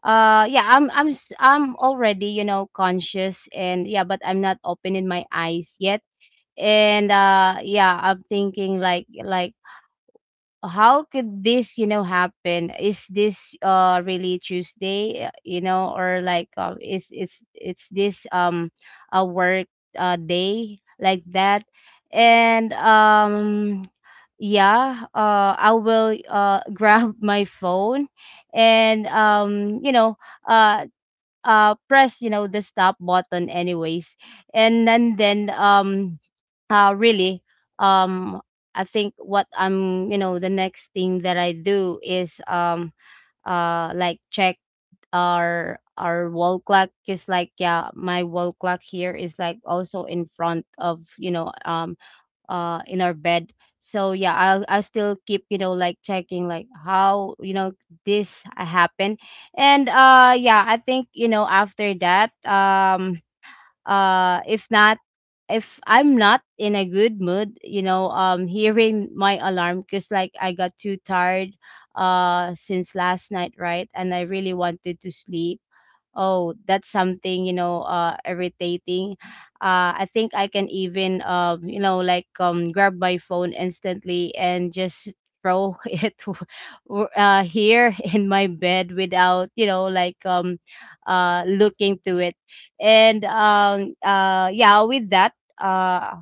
Uh yeah, I'm I'm s- I'm already, you know, conscious, and yeah, but I'm not opening my eyes yet. And uh yeah, I'm thinking like, like how could this, you know happen? Is this uh really Tuesday, uh, you know or like uh, is it's it's this um a work uh day like that? And um yeah, uh I will uh <laughs> grab my phone. And um you know uh uh press, you know the stop button anyways. And then, then um uh really, um I think what I'm, you know the next thing that I do is, um uh like check our our wall clock, because like yeah, my wall clock here is like also in front of, you know um uh in our bed. So yeah, i'll i'll still keep, you know like checking, like how, you know this happened. And uh yeah, I think, you know after that, um uh if not, if I'm not in a good mood, you know um hearing my alarm because like I got too tired uh since last night, right? And I really wanted to sleep. Oh, that's something, you know uh irritating. uh I think I can even, uh you know like um grab my phone instantly, and just throw <laughs> it w- w- uh here <laughs> in my bed, without, you know like um uh looking to it. And um uh yeah, with that uh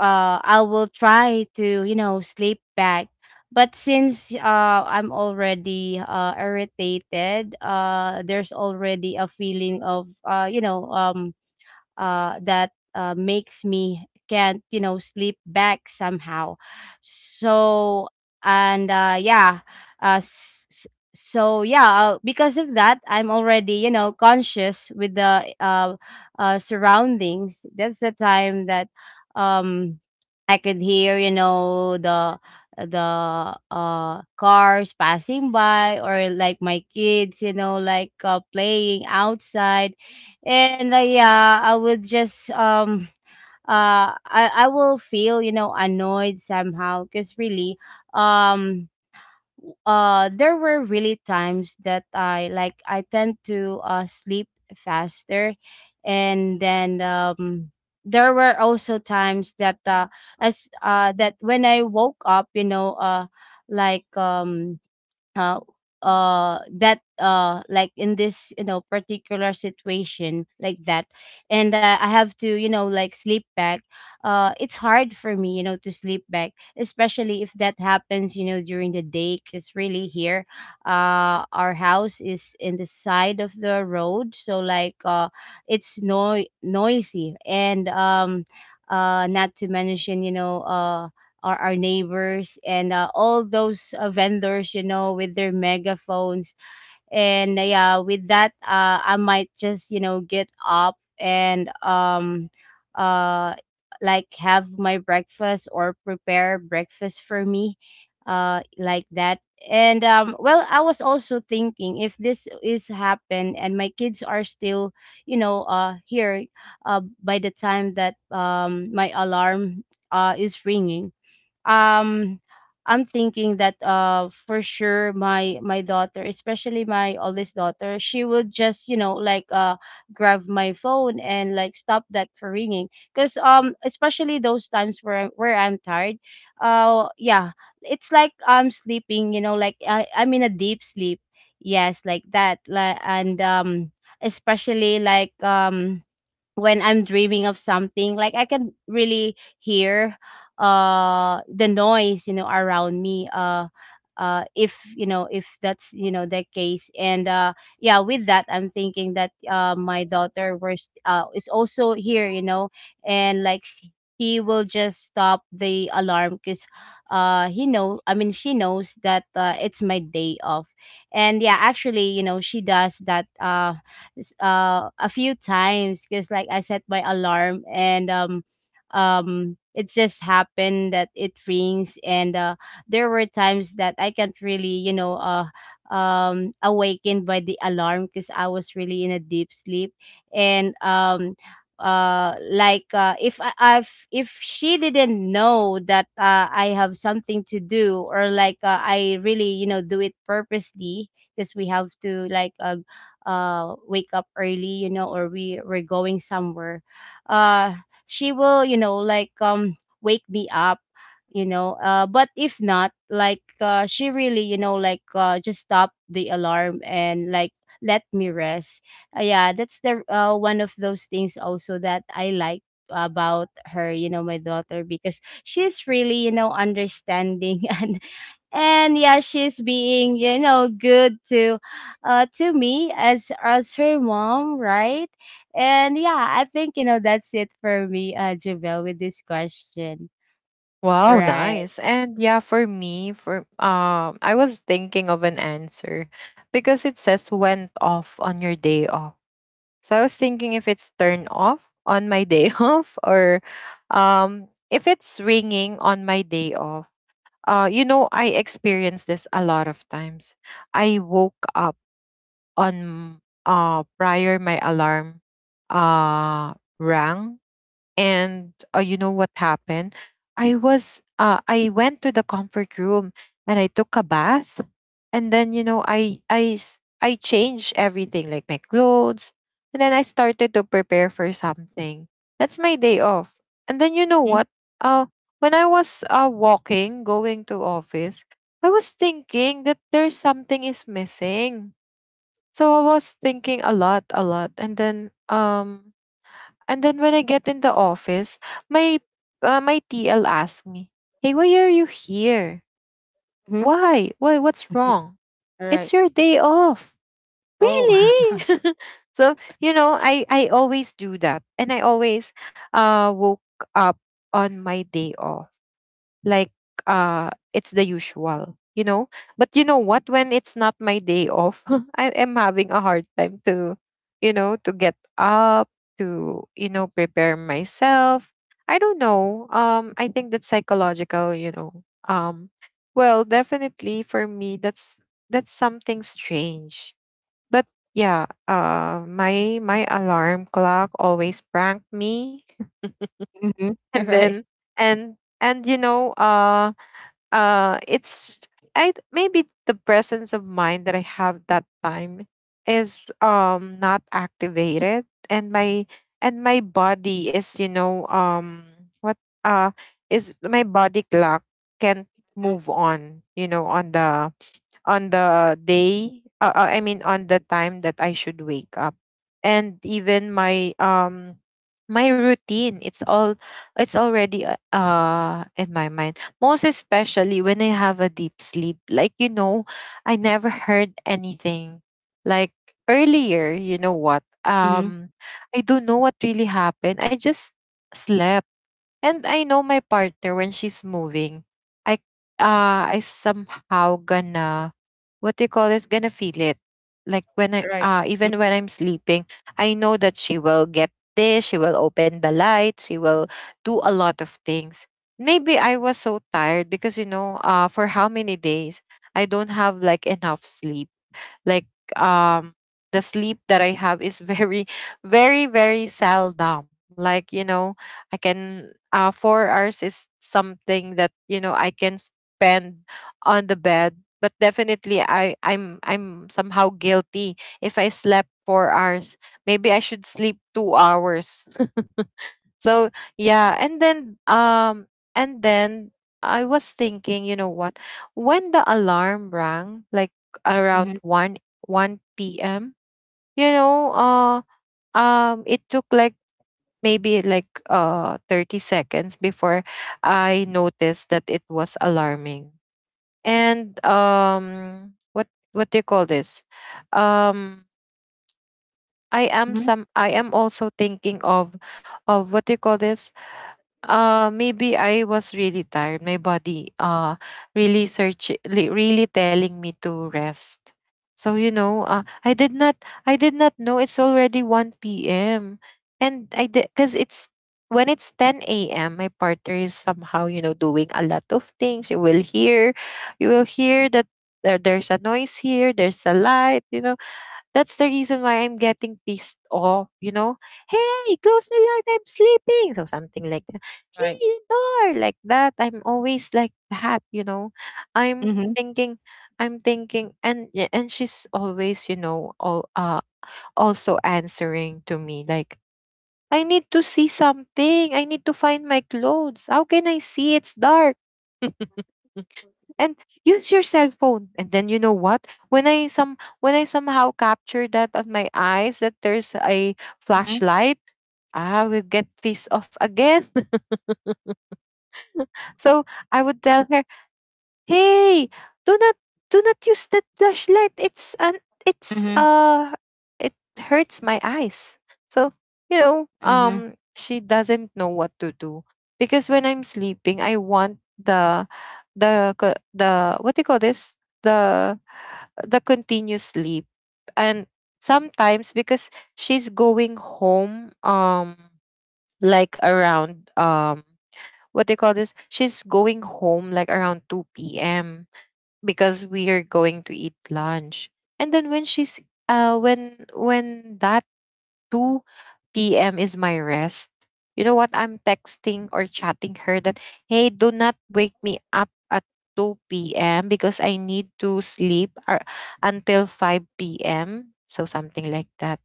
uh, I will try to, you know, sleep back. But since uh, I'm already uh, irritated, uh, there's already a feeling of, uh, you know, um uh, that uh, makes me can't you know sleep back somehow. So and uh, yeah, uh, s- s- so yeah, uh, because of that I'm already you know conscious with the uh, uh, surroundings. That's the time that, um I could hear you know the the uh cars passing by, or like my kids, you know like uh, playing outside. And uh, yeah, I would just, um uh I I will feel, you know annoyed somehow, because really, um uh there were really times that i like I tend to uh sleep faster. And then, um there were also times that, uh as uh that when I woke up, you know uh like um uh uh that, uh like in this, you know particular situation like that. And uh, I have to, you know like sleep back. Uh it's hard for me, you know to sleep back, especially if that happens, you know during the day, because really here, uh our house is in the side of the road. So, like uh it's no noisy. And um uh not to mention, you know uh or our neighbors, and uh, all those uh, vendors, you know with their megaphones. And uh, yeah, with that, uh, I might just, you know get up and, um uh like have my breakfast or prepare breakfast for me, uh like that. And um well, I was also thinking, if this is happen and my kids are still, you know uh here, uh by the time that, um my alarm uh is ringing, um I'm thinking that, uh for sure, my my daughter, especially my oldest daughter, she will just, you know, like uh grab my phone and like stop that for ringing. Cause, um especially those times where where I'm tired, uh yeah, it's like I'm sleeping, you know, like I I'm in a deep sleep. Yes, like that. Like, and um especially, like um when I'm dreaming of something, like I can really hear uh the noise, you know, around me, uh uh if you know, if that's, you know, the case. And uh yeah, with that, I'm thinking that, uh my daughter was, uh is also here, you know. And like she, he will just stop the alarm, because uh he know I mean she knows that, uh, it's my day off. And yeah, actually, you know, she does that, uh s- uh a few times, because like I set my alarm, and um um it just happened that it rings. And uh there were times that I can't really, you know uh um awakened by the alarm, because I was really in a deep sleep. And um uh like uh if i I've, if she didn't know that, uh, I have something to do, or like, uh, I really, you know, do it purposely, because we have to, like uh, uh wake up early, you know, or we we're going somewhere, uh she will, you know, like um wake me up, you know uh but if not, like, uh she really, you know, like uh just stop the alarm and like let me rest. Uh, yeah, that's the, uh one of those things also that I like about her, you know, my daughter, because she's really, you know, understanding <laughs> and and yeah, she's being, you know, good to, uh to me as as her mom, right? And yeah, I think, you know, that's it for me, uh, Javel, with this question. Wow, Right. nice. And yeah, for me, for um, I was thinking of an answer because it says went off on your day off. So I was thinking if it's turned off on my day <laughs> off, or um, if it's ringing on my day off. Uh, you know, I experienced this a lot of times. I woke up on uh prior my alarm uh rang. And uh, you know what happened, i was uh I went to the comfort room, and I took a bath, and then, you know, i i s- i changed everything, like my clothes. And then I started to prepare for something. That's my day off. And then you know what, uh when i was uh walking going to office, I was thinking that there's something is missing. So I was thinking a lot, a lot, and then um, and then when I get in the office, my uh, my T L asked me, "Hey, why are you here? Mm-hmm. Why? Why? What's wrong? It's Right. your day off, Oh. <laughs> really?" <laughs> So you know, I I always do that, and I always uh woke up on my day off, like uh it's the usual, you know. But you know what, when it's not my day off, <laughs> I am having a hard time to, you know, to get up, to, you know, prepare myself. I don't know, um, I think that's psychological, you know. Um, well, definitely for me, that's that's something strange. But yeah, uh my my alarm clock always pranked me <laughs> Mm-hmm. and Right. then, and and you know, uh uh it's, I maybe the presence of mind that I have that time is, um, not activated. And my, and my body is, you know, um, what, uh is my body clock can't move on, you know, on the, on the day, uh, uh, I mean, on the time that I should wake up. And even my, um, my routine, it's all, it's already uh uh, in my mind. Most especially when I have a deep sleep. Like, you know, I never heard anything. Like earlier, you know what? Mm-hmm. Um, I don't know what really happened. I just slept. And I know my partner, when she's moving, I uh I somehow gonna, what do you call it? Gonna feel it. Like when I Right. uh even when I'm sleeping, I know that she will get this, she will open the lights, she will do a lot of things. Maybe I was so tired, because, you know, uh, for how many days I don't have like enough sleep. Like, um, the sleep that I have is very, <laughs> very, very seldom. Like, you know, I can, uh, four hours is something that, you know, I can spend on the bed. But definitely I, I'm I'm somehow guilty if I slept four hours. Maybe I should sleep two hours. So yeah, and then um, and then I was thinking, you know what, when the alarm rang, like Mm-hmm. around one one p m, you know, uh, um, it took like maybe like uh thirty seconds before I noticed that it was alarming. And um, what what do you call this? Um, I am Mm-hmm. some. I am also thinking of, of what do you call this? Uh, maybe I was really tired. My body uh really search li- really telling me to rest. So you know, uh, I did not I did not know it's already one p m And I did cuz it's when it's ten a m My partner is somehow, you know, doing a lot of things. You will hear you will hear that there, there's a noise here, there's a light, you know, that's the reason why I'm getting pissed off, you know. Hey, close the light, I'm sleeping. So something like that. Hey, Right. the door, like that. I'm always like that, you know. I'm Mm-hmm. thinking, I'm thinking, and yeah, and she's always, you know, all uh also answering to me like, I need to see something. I need to find my clothes. How can I see? It's dark. <laughs> And use your cell phone. And then you know what, when i some when I somehow capture that on my eyes that there's a Mm-hmm. flashlight, I will get pissed off again. <laughs> So I would tell her, hey, do not do not use that flashlight. It's an it's Mm-hmm. uh it hurts my eyes. So, you know, Mm-hmm. um she doesn't know what to do because when I'm sleeping, I want the the co- the what do you call this? The the continuous sleep. And sometimes because she's going home um like around um what do you call this? She's going home like around two p.m because we are going to eat lunch. And then when she's uh when when that two p m is my rest, you know what? I'm texting or chatting her that, "Hey, do not wake me up at two p m because I need to sleep or until five p m" So something like that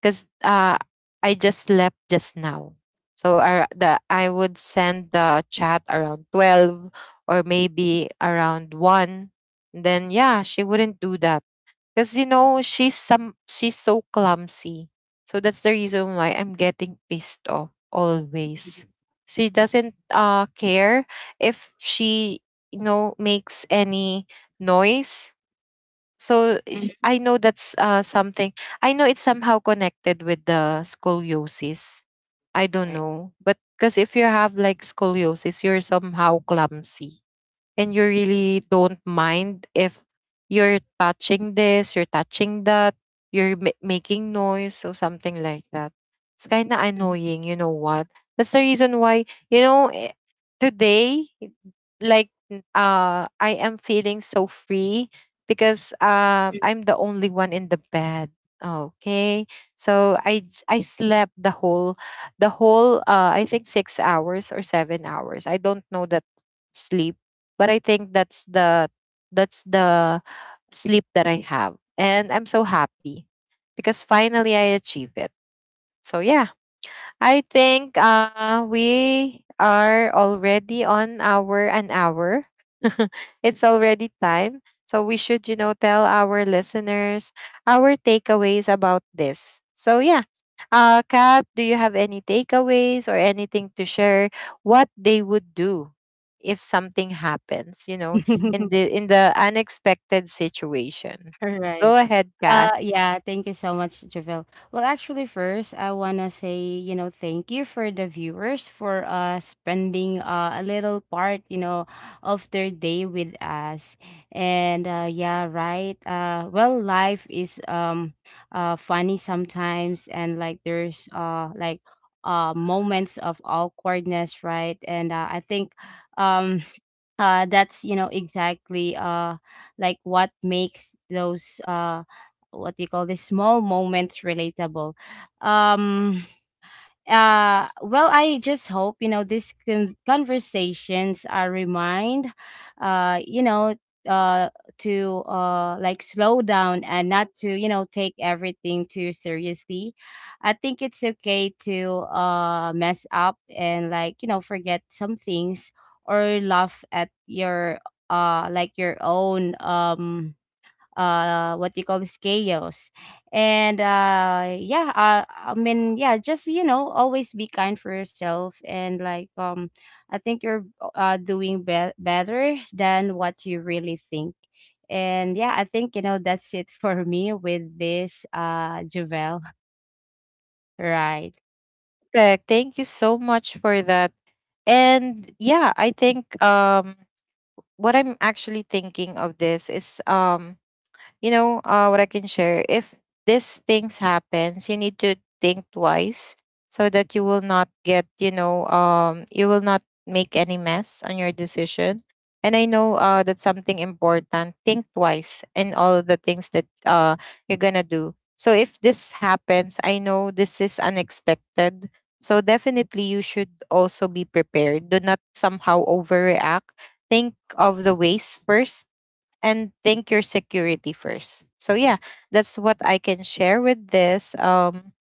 because uh, I just slept just now. So I, the, I would send the chat around twelve or maybe around one. Then, yeah, she wouldn't do that. Because, you know, she's, some, she's so clumsy. So that's the reason why I'm getting pissed off always. She doesn't uh, care if she, you know, makes any noise. so ish- I know that's uh, something. I know it's somehow connected with the scoliosis. I don't Right. know, but because if you have like scoliosis, you're somehow clumsy and you really don't mind if you're touching this, you're touching that, you're ma- making noise or something like that. It's kind of Mhm. annoying, you know what? That's the reason why, you know, eh, today, like, n- uh, I am feeling so free because um, I'm the only one in the bed. Okay, so I j- I slept the whole, the whole uh I think six hours or seven hours. I don't know that sleep, but I think that's the that's the sleep that I have, and I'm so happy because finally I achieve it. So yeah, I think uh, we are already on our an hour. <laughs> It's already time. So we should, you know, tell our listeners our takeaways about this. So yeah. Uh, Kat, do you have any takeaways or anything to share what they would do if something happens, you know, in the <laughs> in the unexpected situation? Right. Go ahead, Uh, Kat. Yeah, thank you so much, Javel. Well, actually, first, I wanna say, you know, thank you for the viewers for uh spending uh, a little part, you know, of their day with us. And uh, yeah, right. Uh, well, life is um uh funny sometimes, and like there's uh like uh moments of awkwardness, right? And uh, I think, um uh that's, you know, exactly, uh like what makes those, uh what do you call this, small moments relatable. um uh well, I just hope, you know, these con- conversations are remind, uh you know, uh to, uh like, slow down and not to, you know, take everything too seriously. I think it's okay to uh mess up, and like, you know, forget some things, or laugh at your, uh like your own, um uh what you call this, chaos. And uh yeah uh, I mean, yeah, just, you know, always be kind for yourself, and like, um I think you're, uh doing be- better than what you really think. And yeah, I think, you know, that's it for <laughs> me with this, uh Javel. <laughs> Right. Correct. Thank you so much for that. And yeah, I think um what I'm actually thinking of this is um you know uh, what I can share, if these things happens, you need to think twice so that you will not get you know um, you will not make any mess on your decision. And I know uh, that's something important, think twice in all the things that uh, you're gonna do. So if this happens, I know this is unexpected, so definitely you should also be prepared. Do not somehow overreact. Think of the ways first and think your security first. So yeah, that's what I can share with this um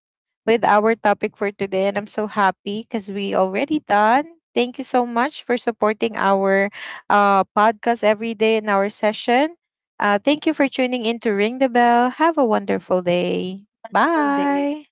with our topic for today. And I'm so happy cuz we already done. Thank you so much for supporting our uh podcast every day in our session. Uh thank you for tuning in to Ring the Bell. Have a wonderful day. Wonderful day. Bye.